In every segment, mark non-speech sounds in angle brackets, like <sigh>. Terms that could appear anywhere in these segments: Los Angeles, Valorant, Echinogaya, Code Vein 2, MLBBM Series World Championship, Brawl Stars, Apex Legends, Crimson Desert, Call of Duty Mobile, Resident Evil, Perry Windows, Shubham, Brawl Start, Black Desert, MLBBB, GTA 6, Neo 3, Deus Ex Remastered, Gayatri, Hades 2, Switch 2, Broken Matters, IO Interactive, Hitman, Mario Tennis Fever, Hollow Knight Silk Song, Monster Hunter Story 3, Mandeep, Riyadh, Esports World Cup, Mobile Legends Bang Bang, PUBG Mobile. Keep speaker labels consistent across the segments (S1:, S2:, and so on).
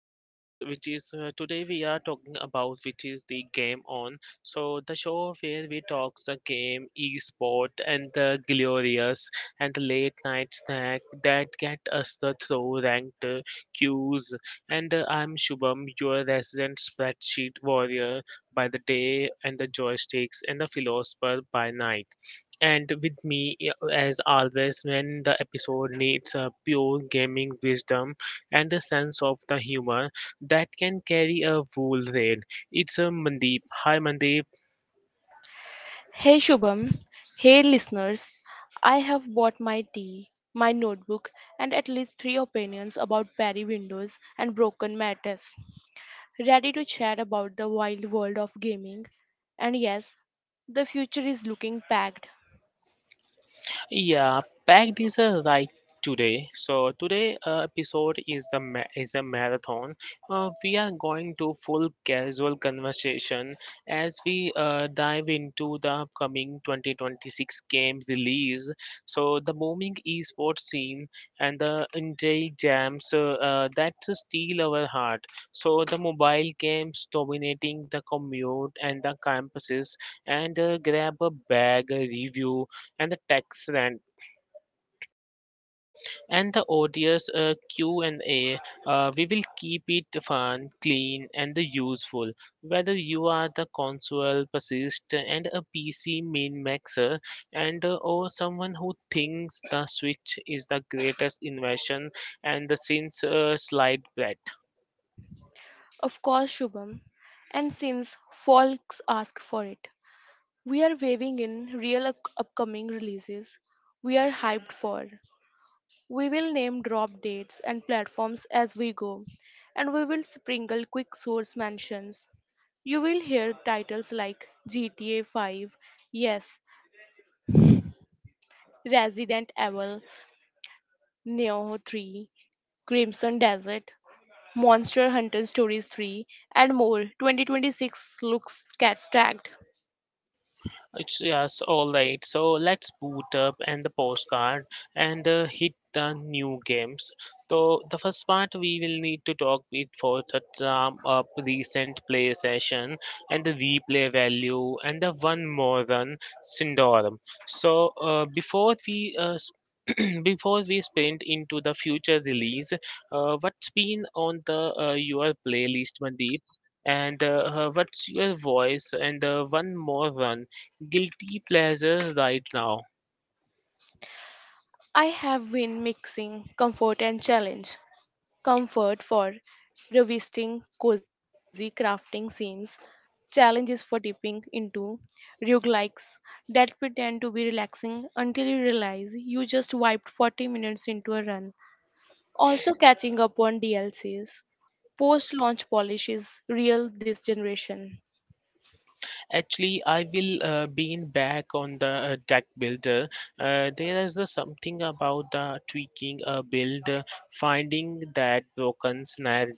S1: podcast, which is today we are talking about which is the game on. So the show where we talk the game, e-sport, and the glorious and the late night snack that get us the throw ranked queues. And I'm Shubham, your resident spreadsheet warrior by the day, and the joysticks and the philosopher by night. And with me, as always, when the episode needs pure gaming wisdom, and the sense of the humor that can carry a full read. It's a Mandeep. Hi, Mandeep.
S2: Hey Shubham, hey listeners. I have bought my tea, my notebook, and at least three opinions about Perry Windows and Broken Matters. Ready to chat about the wild world of gaming. And yes, the future is looking packed.
S1: Yeah, packed is a right today. So today episode is is a marathon. We are going to full casual conversation as we dive into the upcoming 2026 game release. So the booming esports scene and the indie jams that steal our heart. So the mobile games dominating the commute and the campuses and grab a bag a review and the tax rant and the odious q&a we will keep it fun clean and the useful whether you are the console persist and a pc min maxer and or someone who thinks the switch is the greatest invention and the since slide bread.
S2: Of course, Shubham. And since folks ask for it, we are waving in upcoming releases we are hyped for. We will name drop dates and platforms as we go, and we will sprinkle quick source mentions. You will hear titles like GTA 5, yes, Resident Evil, Neo 3, Crimson Desert, Monster Hunter Stories 3, and more. 2026 looks cat stacked.
S1: It's yes, all right. So let's boot up and the postcard and hit the new games. So the first part we will need to talk with for such up recent play session and the replay value and the one more run syndrome. So <clears throat> before we sprint into the future release, what's been on the your playlist, Mandeep? And what's your voice? And one more run guilty pleasure right now.
S2: I have been mixing comfort and challenge. Comfort for revisiting cozy crafting scenes, challenges for dipping into roguelikes that pretend to be relaxing until you realize you just wiped 40 minutes into a run. Also catching up on DLCs. Post launch polish is real this generation.
S1: Actually, I will lean back on the deck builder. There is the something about the tweaking a build, finding that broken snare,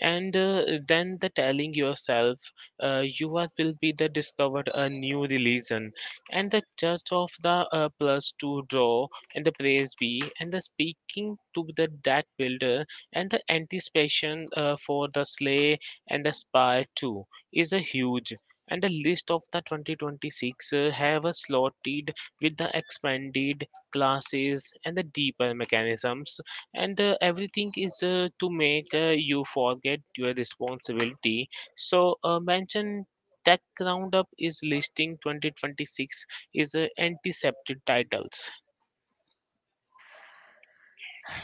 S1: and then the telling yourself you are will be the discovered a new religion, and the church of the plus two draw and the praise be and the speaking to the deck builder and the anticipation for the slay and the spy too is a huge and the list of the 2026 have slotted with the expanded classes and the deeper mechanisms and everything is to make you forget your responsibility so mention tech roundup is listing 2026 is antiseptic titles.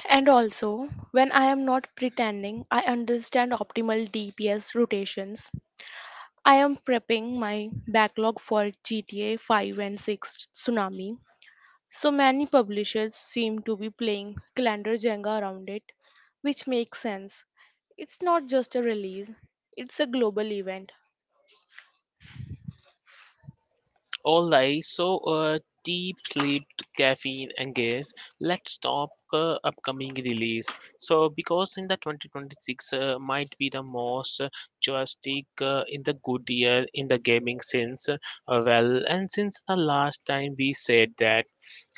S2: And also, when I am not pretending, I understand optimal DPS rotations. I am prepping my backlog for GTA 5 and 6 Tsunami. So many publishers seem to be playing calendar Jenga around it, which makes sense. It's not just a release, it's a global event.
S1: All right, so deep sleep, caffeine, and gas. Let's talk upcoming release. So, because in the 2026 might be the most joystick in the good year in the gaming since well, and since the last time we said that.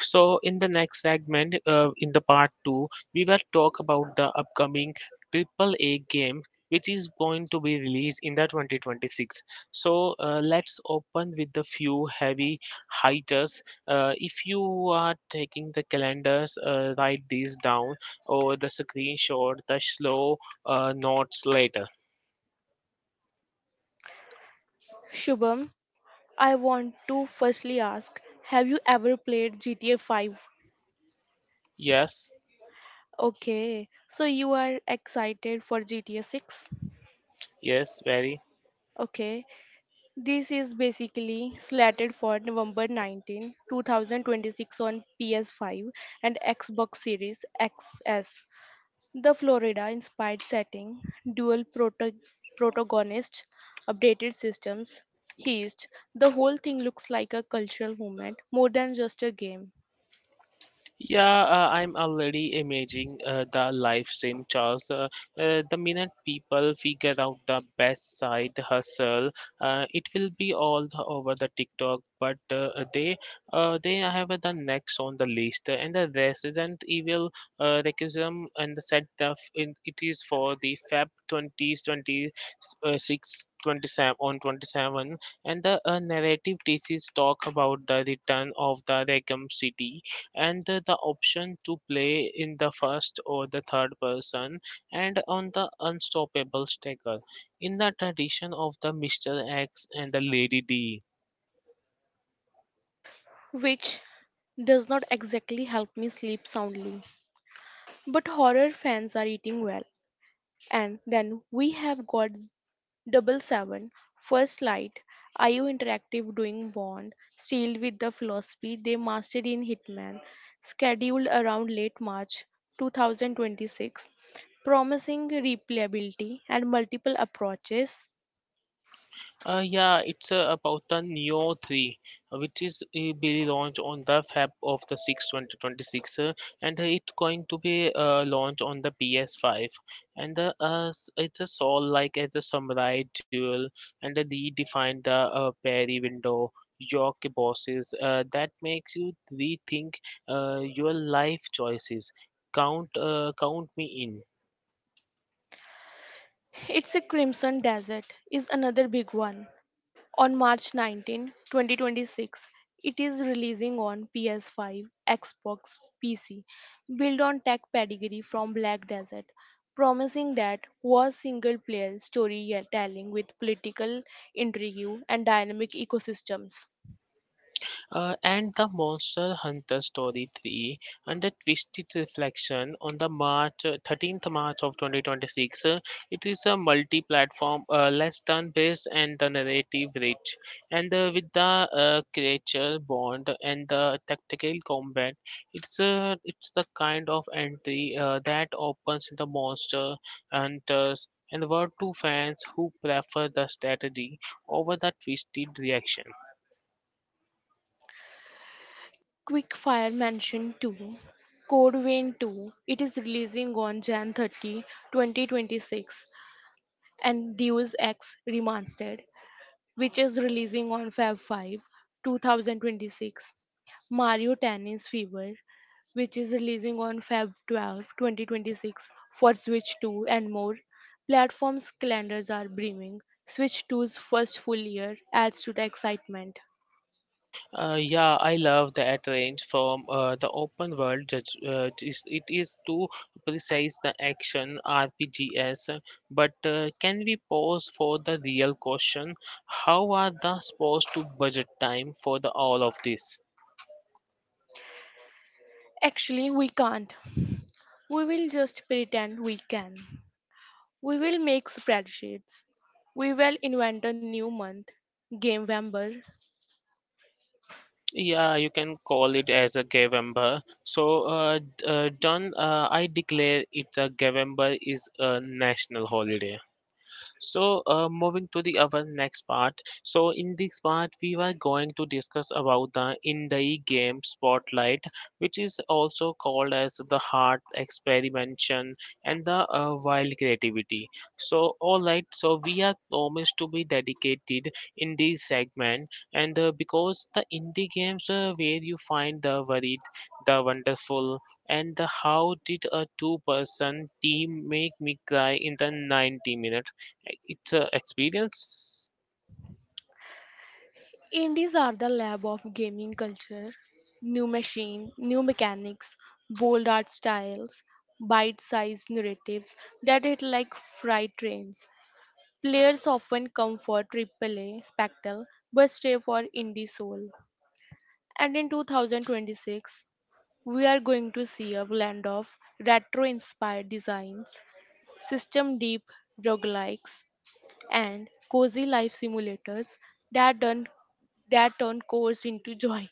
S1: So, in the next segment, in the part two, we will talk about the upcoming triple A game which is going to be released in the 2026, so let's open with the few heavy hitters. If you are taking the calendars, write these down or the screenshot, the slow notes later.
S2: Shubham, I want to firstly ask, have you ever played GTA 5?
S1: Yes,
S2: Okay, so you are excited for GTA 6?
S1: yes, very.
S2: Okay, this is basically slated for November 19, 2026 on PS5 and Xbox Series XS. The Florida inspired setting, dual protagonists, updated systems, heist, the whole thing looks like a cultural movement more than just a game,
S1: Yeah, I'm already imagining the life in Charles. The minute people figure out the best side hustle, it will be all the, over the TikTok. But they have the next on the list, and the Resident Evil Requiem and the set of in, it is for the Feb twenty twenty six, twenty seven on 27, and the narrative thesis talk about the return of the Requiem City and the option to play in the first or the third person and on the unstoppable sticker. In the tradition of the Mr. X and the Lady D.
S2: which does not exactly help me sleep soundly. But horror fans are eating well. And then we have got double seven first light, IO Interactive doing Bond sealed with the philosophy they mastered in Hitman, scheduled around late March 2026, promising replayability and multiple approaches.
S1: Yeah, it's about the Neo 3, which is be launched on the Feb of the 6, 2026, and it's going to be launched on the PS5. It's a soul like as a samurai duel, and redefine the parry window, your bosses. That makes you rethink your life choices. Count me in.
S2: It's a Crimson Desert is another big one. On March 19, 2026, it is releasing on PS5, Xbox, PC, built on tech pedigree from Black Desert, promising that was single-player storytelling with political intrigue and dynamic ecosystems.
S1: And the Monster Hunter Story 3, under twisted reflection on the March 13th of March of 2026, it is a multi-platform, less turn based and the narrative rich, and with the creature bond and the tactical combat, it's the kind of entry that opens the Monster Hunters and world to fans who prefer the strategy over the twisted reaction.
S2: Quickfire Mansion 2, Code Vein 2, it is releasing on Jan 30, 2026, and Deus Ex Remastered which is releasing on Feb 5, 2026. Mario Tennis Fever, which is releasing on Feb 12, 2026 for Switch 2 and more. Platforms' calendars are brimming. Switch 2's first full year adds to the excitement.
S1: Yeah, I love that range from the open world. Judge, it is to precise the action RPGs, but can we pause for the real question? How are the supposed to budget time for the all of this?
S2: Actually, we can't. We will just pretend we can. We will make spreadsheets. We will invent a new month, Game Vember.
S1: Yeah, you can call it as a Gavember. So, done. I declare it a Gavember is a national holiday. So, moving to the our next part. So, in this part, we were going to discuss about the indie game Spotlight, which is also called as the heart experimentation and the wild creativity. So, all right. So, we are promised to be dedicated in this segment, and because the indie games where you find the varied, the wonderful, and the how did a two-person team make me cry in the 90 minutes it's a experience.
S2: Indies are the lab of gaming culture. New machine, new mechanics, bold art styles, bite-sized narratives that hit like freight trains. Players often come for AAA spectacle but stay for indie soul. And in 2026, we are going to see a blend of retro-inspired designs, system-deep roguelikes, and cozy life simulators that turn that turn cores into joy.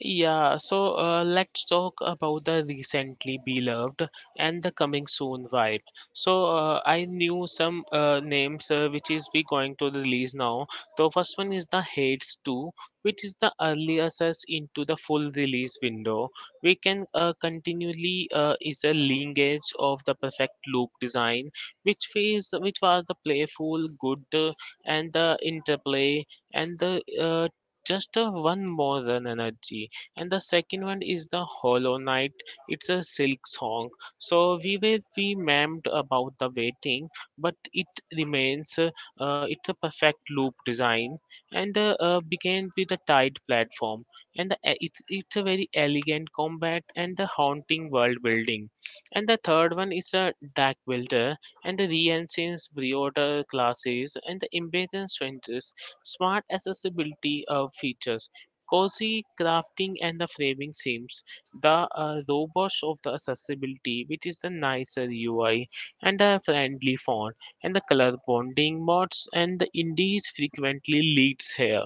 S1: Yeah, so let's talk about the recently beloved and the coming soon vibe. So I knew some names which is we going to release now. The first one is the Hades 2, which is the early access into the full release window. We can continually is a linkage of the perfect loop design, which is which was the playful, good, and the interplay and the just a one more than energy, and the second one is the Hollow Knight. It's a silk song. So we memed about the waiting, but it remains. It's a perfect loop design, and began with a tight platform. It's a very elegant combat and the haunting world building. And the third one is a Deck Builder and the Re-Ancients Briota classes and the Imbeacon Strangers smart accessibility of features. Cozy crafting and the framing seems the robust of the accessibility, which is the nicer UI and the friendly font and the color bonding mods and the indies frequently leads here.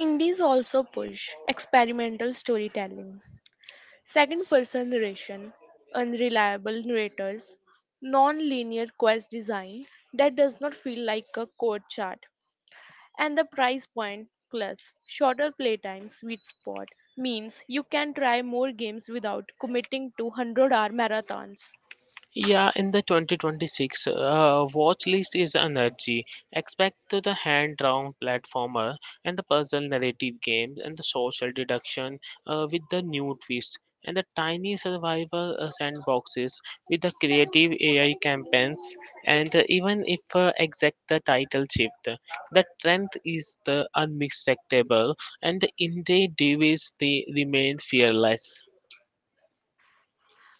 S2: Indies also push experimental storytelling, second person narration, unreliable narrators, non linear quest design that does not feel like a code chart, and the price point plus shorter playtime sweet spot means you can try more games without committing to 100 hour marathons.
S1: Yeah, in the 2026 watch list is energy. Expect to the hand-drawn platformer and the puzzle narrative games and the social deduction with the new twist and the tiny survival sandboxes with the creative AI campaigns. And even if exact the title shift, the trend is the unmistakable and the indie device they remain fearless.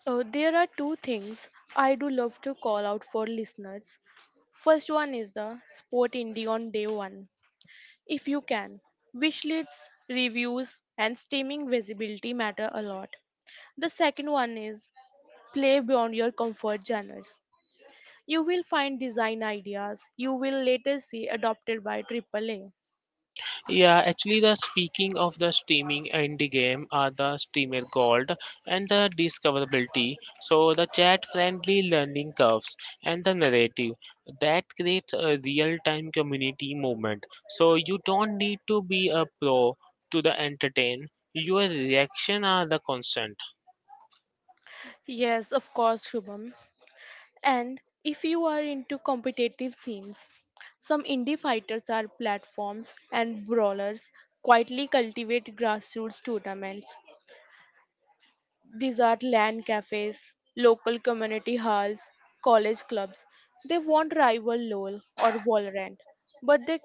S2: There are two things I do love to call out for listeners. First one is the sport indie on day one, if you can. Wish lists, reviews, and streaming visibility matter a lot. The second one is play beyond your comfort genres. You will find design ideas you will later see adopted by Triple A.
S1: Yeah, actually, the speaking of the streaming indie game are the streamer gold and the discoverability. So the chat-friendly learning curves and the narrative that creates a real-time community movement. So you don't need to be a pro to the entertain. Your reaction are the constant.
S2: Yes, of course, Shubham. And if you are into competitive scenes, some indie fighters are platforms and brawlers quietly cultivate grassroots tournaments. These are land cafes, local community halls, college clubs. They won't rival LOL or Valorant, but the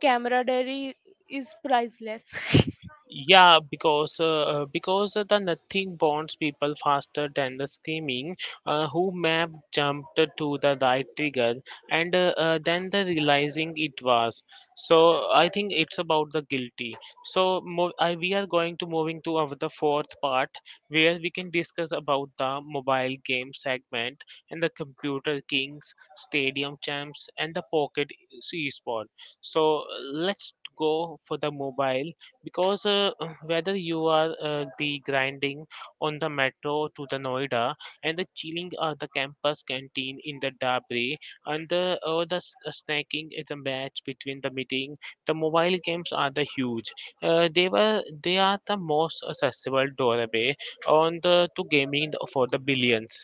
S2: camaraderie is priceless. <laughs>
S1: Yeah, because the nothing bonds people faster than the screaming, who map jumped to the right trigger and then the realizing it was. So I think it's about the guilty. So we are going to moving to our, the fourth part where we can discuss about the mobile game segment and the computer kings, stadium champs, and the pocket esport. So let's go for the mobile because whether you are the grinding on the metro to the Noida and the chilling at the campus canteen in the Dabri and the or snacking at the match between the meeting, the mobile games are the huge. They were they are the most accessible doorway on the to gaming for the billions.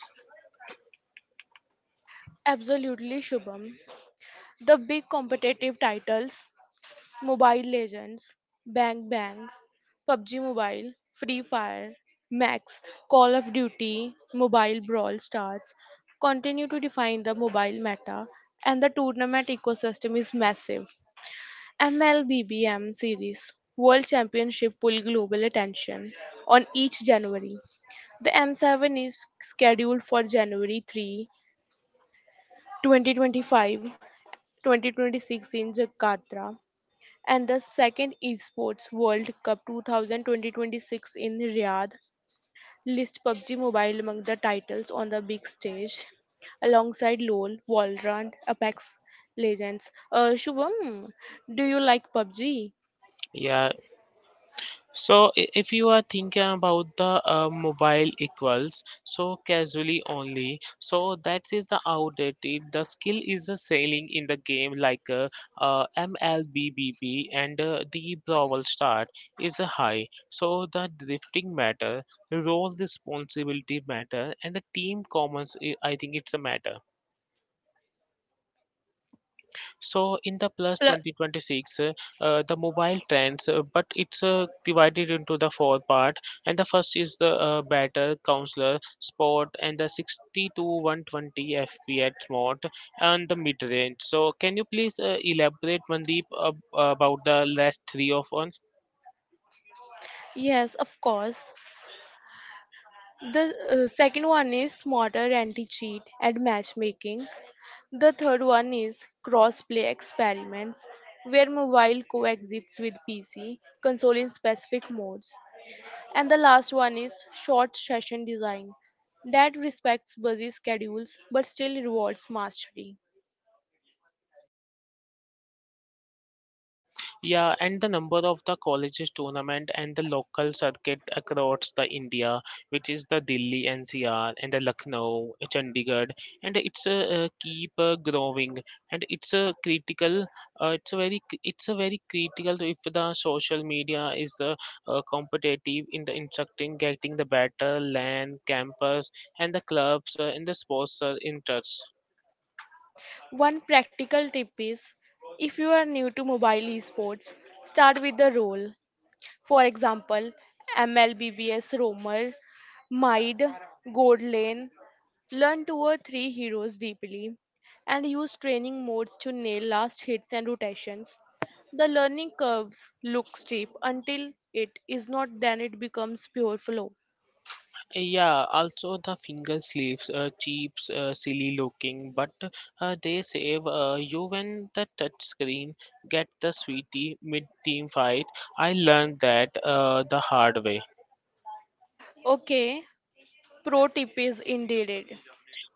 S2: Absolutely, Shubham. The big competitive titles Mobile Legends, Bang Bang, PUBG Mobile, Free Fire, Max, Call of Duty, Mobile Brawl Stars continue to define the mobile meta, and the tournament ecosystem is massive. MLBBM Series World Championship pull global attention on each January. The M7 is scheduled for January 3, 2025, 2026 in Jakarta, and the second Esports World Cup 2000-2026 in Riyadh list PUBG Mobile among the titles on the big stage alongside LoL, Valorant, Apex Legends. Shubham, do you like PUBG?
S1: Yeah. So, if you are thinking about the mobile equals, so casually only, so that is the outdated. The skill is the sailing in the game like MLBBB and the Brawl Start is a high. So the drifting matter, role responsibility matter, and the team commons. I think it's a matter. So in the plus 2026, the mobile trends, but it's divided into the four part. And the first is the better counselor sport and the 60 to 120 FPS mode and the mid range. So can you please elaborate Mandeep about the last three of one?
S2: Yes, of course. The second one is smarter anti-cheat and matchmaking. The third one is cross-play experiments, where mobile coexists with PC, console in specific modes. And the last one is short session design, that respects busy schedules but still rewards mastery.
S1: Yeah, and the number of the colleges tournament and the local circuit across the India, which is the Delhi NCR and the Lucknow, Chandigarh, and it's a keep growing, and it's a critical. It's a very, it's a very critical if the social media is competitive in the instructing, getting the better land, campus, and the clubs and the sports interests.
S2: One practical tip is if you are new to mobile esports, start with the role. For example, MLBBS Romer, Maid, Godlane, learn two or three heroes deeply, and use training modes to nail last hits and rotations. The learning curve looks steep until it is not, then it becomes pure flow.
S1: Yeah, also the finger sleeves, cheap, silly looking, but they save you when the touch screen get the sweetie mid team fight. I learned that the hard way.
S2: Okay, pro tip is indeed it.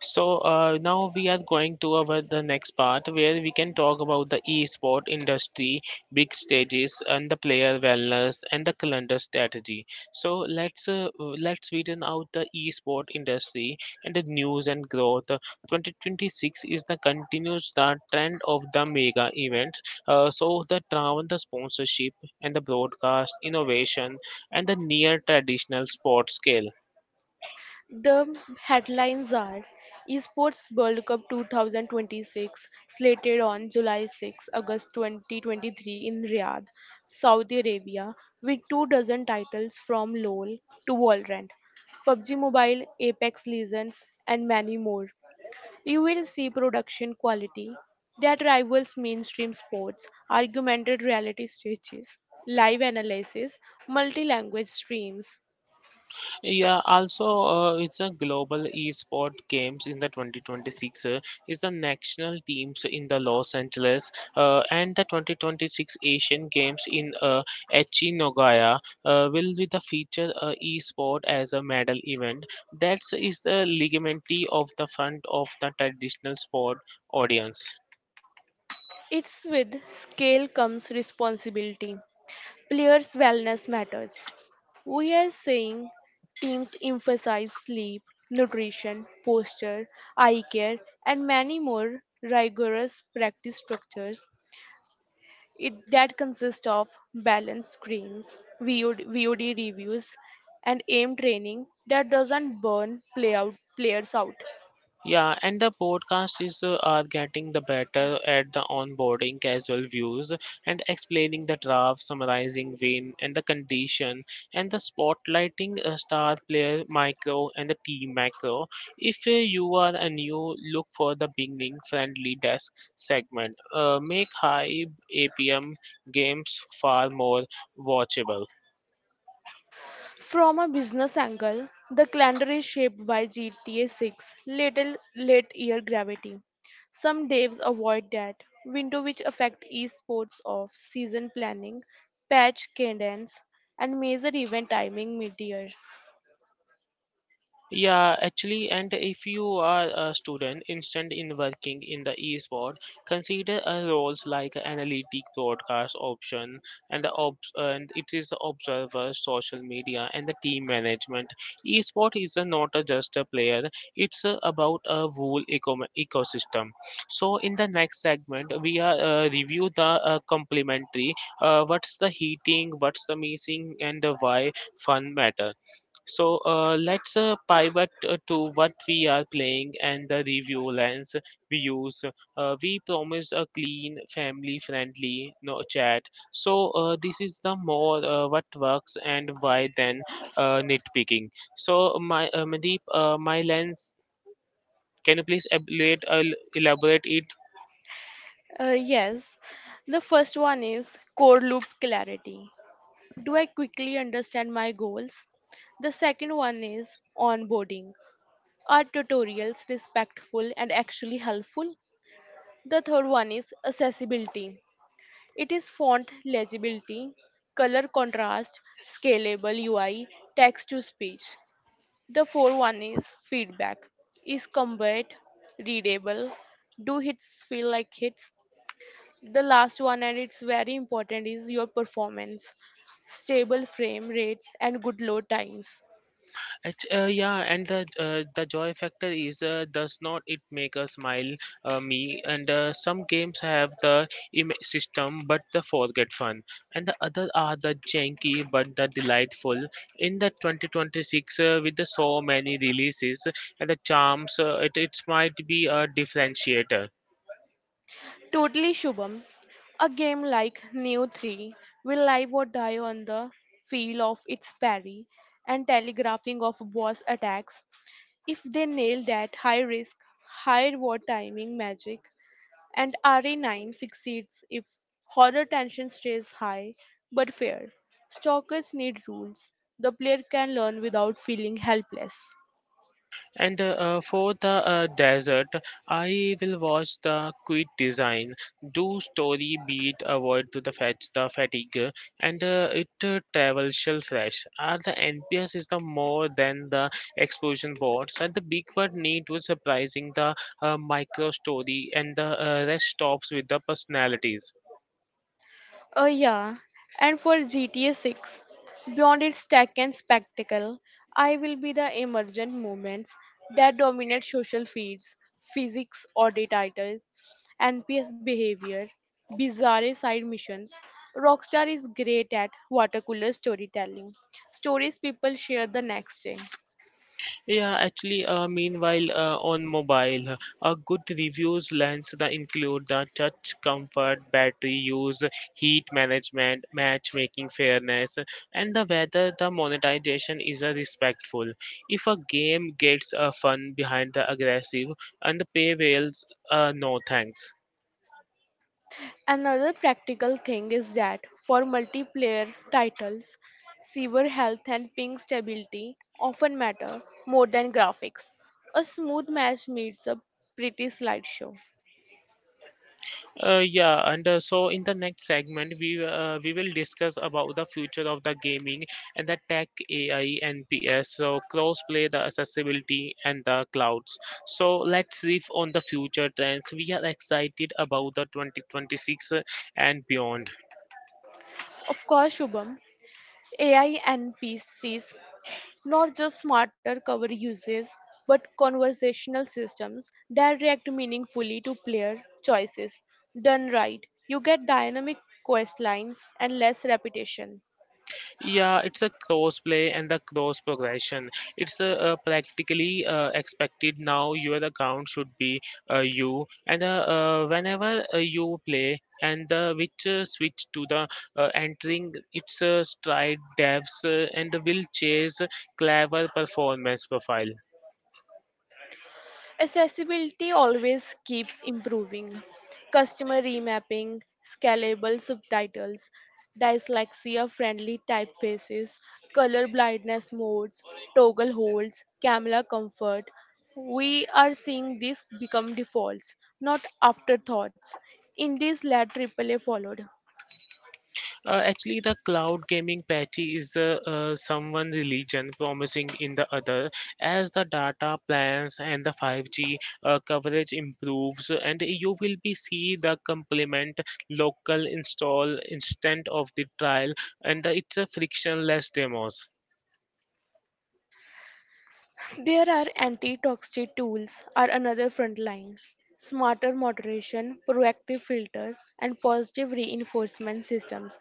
S1: So now we are going to our the next part where we can talk about the e-sport industry, big stages, and the player wellness and the calendar strategy. So let's widen out the e-sport industry and the news and growth. 2026 is the continues the trend of the mega events. So the travel, the sponsorship, and the broadcast innovation and the near traditional sports scale.
S2: The headlines are Esports World Cup 2026 slated on July 6, August 2023 in Riyadh, Saudi Arabia, with two dozen titles from LoL to Valorant, PUBG Mobile, Apex Legends, and many more. You will see production quality that rivals mainstream sports, augmented reality stages, live analysis, multi language streams.
S1: Yeah, also, it's a global esport games in the 2026. Is the national teams in the Los Angeles and the 2026 Asian Games in Echinogaya will be the feature esport as a medal event. That is the ligamentary of the front of the traditional sport audience.
S2: It's with scale comes responsibility. Players' wellness matters. We are saying teams emphasize sleep, nutrition, posture, eye care, and many more rigorous practice structures it, that consist of balanced screens, VOD reviews, and aim training that doesn't burn play out, players out.
S1: Yeah, and the podcast is are getting the better at the onboarding casual views and explaining the draft, summarizing win and the condition, and the spotlighting star player micro and the team macro. If you are a new, look for the beginning friendly desk segment. Make high APM games far more watchable.
S2: From a business angle, the calendar is shaped by GTA 6 little late year gravity. Some devs avoid that window which affect esports of season planning, patch cadence, and major event timing mid-year.
S1: Yeah, actually, and if you are a student interested in working in the esport, consider roles like analytic broadcast option and the obs and it is observer, social media, and the team management. Esport is not just a player; it's about a whole ecosystem. So, in the next segment, we are review the complementary. What's the heating? What's the missing? And why fun matter? So let's pivot to what we are playing and the review lens we use. We promised a clean, family-friendly no chat. So this is the more what works and why than nitpicking. So my Mandeep, my lens. Can you please elaborate it.
S2: Yes, the first one is core loop clarity. Do I quickly understand my goals? The second one is onboarding. Are tutorials respectful and actually helpful? The third one is accessibility. It is font legibility, color contrast, scalable UI, text to speech. The fourth one is feedback. Is combat readable? Do hits feel like hits? The last one, and it's very important, is your performance. Stable frame rates and good load times.
S1: Yeah, and the joy factor is does not it make a smile me and some games have the system but the forget fun and the other are the janky but the delightful. In the 2026 with the so many releases and the charms, it might be a differentiator.
S2: Totally Shubham. A game like Neo 3 will live or die on the feel of its parry and telegraphing of boss attacks. If they nail that high risk, high reward timing magic, and RE9 succeeds if horror tension stays high but fair. Stalkers need rules. The player can learn without feeling helpless.
S1: And for the desert, I will watch the Quit Design. Do story beat avoid to the fetch the fatigue, and it travel shell fresh. Are the NPS is the more than the explosion boards, and the big word need was surprising the micro story, and the rest stops with the personalities.
S2: Oh, yeah. And for GTA 6, beyond its tech and spectacle, I will be the emergent movements that dominate social feeds, physics audit titles, NPS behavior, bizarre side missions. Rockstar is great at water cooler storytelling, stories people share the next day.
S1: Yeah, actually, meanwhile, on mobile, a good reviews lens that include the touch comfort, battery use, heat management, matchmaking fairness, and the whether the monetization is respectful. If a game gets fun behind the aggressive and the pay whales, no thanks.
S2: Another practical thing is that for multiplayer titles, server health and ping stability often matter more than graphics. A smooth match needs a pretty slideshow.
S1: Yeah, and so in the next segment, we will discuss about the future of the gaming and the tech AI and PS. So crossplay, the accessibility, and the clouds. So let's riff on the future trends. We are excited about the 2026 and beyond.
S2: Of course, Shubham, AI and PCs not just smarter cover uses but conversational systems that react meaningfully to player choices. Done right, you get dynamic quest lines and less repetition.
S1: Yeah, it's a cross play and the cross progression. It's practically expected now. Your account should be you, and whenever you play and the which switch to the entering its stride devs and will chase clever performance profile.
S2: Accessibility always keeps improving. Customer remapping, scalable subtitles, dyslexia friendly typefaces, color blindness modes, toggle holds, camera comfort. We are seeing these become defaults, not afterthoughts. Indies led AAA followed.
S1: Actually, the cloud gaming patchy is someone religion promising in the other. As the data plans and the 5G coverage improves, and you will be see the complement local install instant of the trial, and the, it's a frictionless demos.
S2: There are anti-toxic tools are another front line. Smarter moderation, proactive filters, and positive reinforcement systems.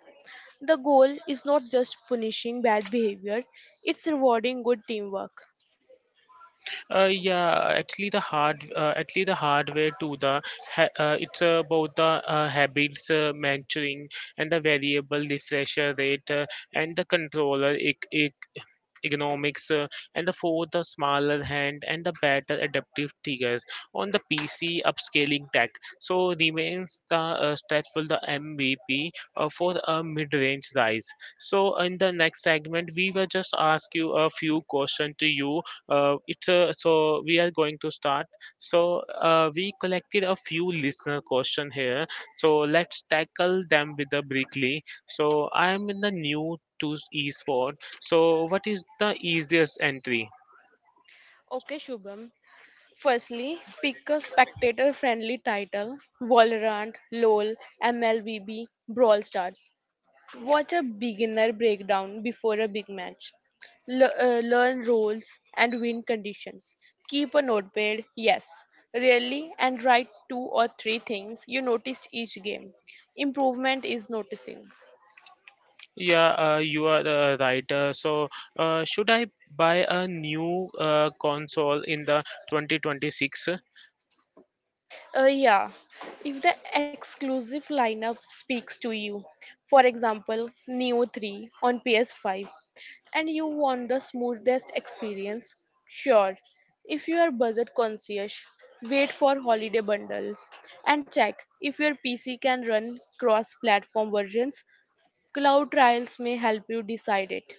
S2: The goal is not just punishing bad behavior, it's rewarding good teamwork.
S1: Yeah, actually actually the hardware to the it's about the habits mentoring and the variable refresher rate and the controller economics, and the fourth, the smaller hand and the better adaptive triggers on the PC upscaling tech. So remains the stretchful the MVP for a mid-range rise. So in the next segment, we will just ask you a few questions to you. It's so we are going to start. So we collected a few listener question here. So let's tackle them with the briefly. So I am in the new to esports, so what is the easiest entry?
S2: Okay, Shubham. Firstly, pick a spectator friendly title Valorant, LOL, MLBB, Brawl Stars. Watch a beginner breakdown before a big match. Le- Learn roles and win conditions. Keep a notepad, yes, really, and write two or three things you noticed each game. Improvement is noticing.
S1: Yeah, you are right. So, should I buy a new console in the 2026?
S2: Yeah, if the exclusive lineup speaks to you, for example, Neo 3 on PS5 and you want the smoothest experience? Sure. If you are budget conscious, wait for holiday bundles and check if your PC can run cross platform versions. Cloud trials may help you decide it.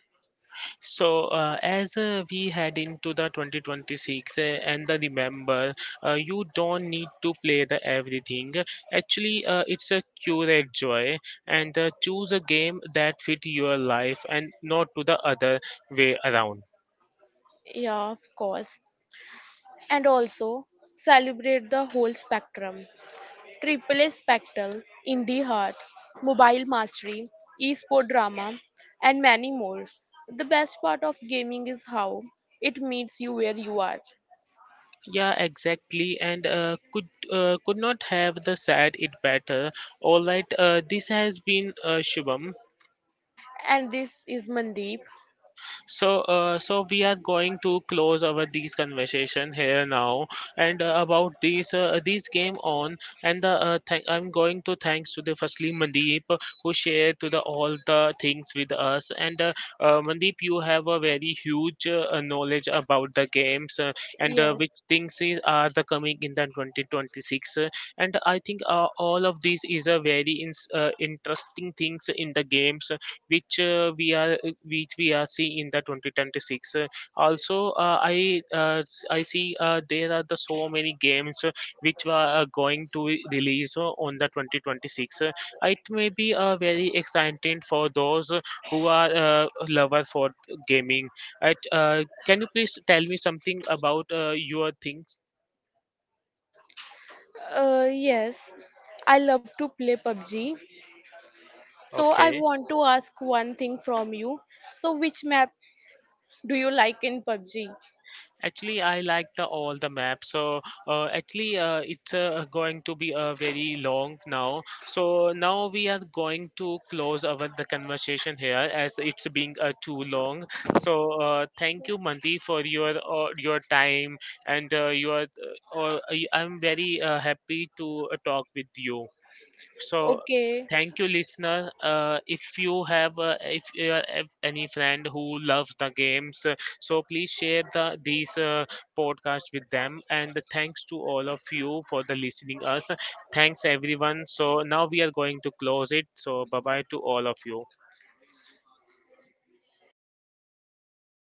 S1: So, as we head into the 2026, and the remember, you don't need to play the everything. Actually, it's a curate joy and choose a game that fit your life and not to the other way around.
S2: Yeah, of course. And also, celebrate the whole spectrum. AAA Spectral, Indie Heart, Mobile Mastery, Esport Drama, and many more. The best part of gaming is how it meets you where you are.
S1: Yeah, exactly, and could not have the said it better. All right, this has been Shubham.
S2: And this is Mandeep.
S1: So, so we are going to close our these conversation here now, and about these game on, and the thank I'm going to thanks to the firstly Mandeep who shared to the all the things with us, and Mandeep you have a very huge knowledge about the games and
S2: Yes,
S1: which things are the coming in the 2026, and I think all of these is a very ins interesting things in the games which we are which we are seeing in the 2026. Also I see there are the so many games which are going to release on the 2026. It may be very exciting for those who are lover for gaming. At can you please tell me something about your things?
S2: yes, I love to play PUBG. So I
S1: Okay.
S2: want to ask one thing from you. So which map do you like in PUBG?
S1: Actually, I like the all the map. So actually, it's going to be very long now. So now we are going to close our the conversation here as it's being too long. So thank you, Mandy, for your time and your. I'm very happy to talk with you. So
S2: Okay,
S1: thank you, listener. If you have if you have any friend who loves the games, so please share the these podcast with them. And thanks to all of you for the listening us. Thanks everyone. So now we are going to close it. So bye bye to all of you.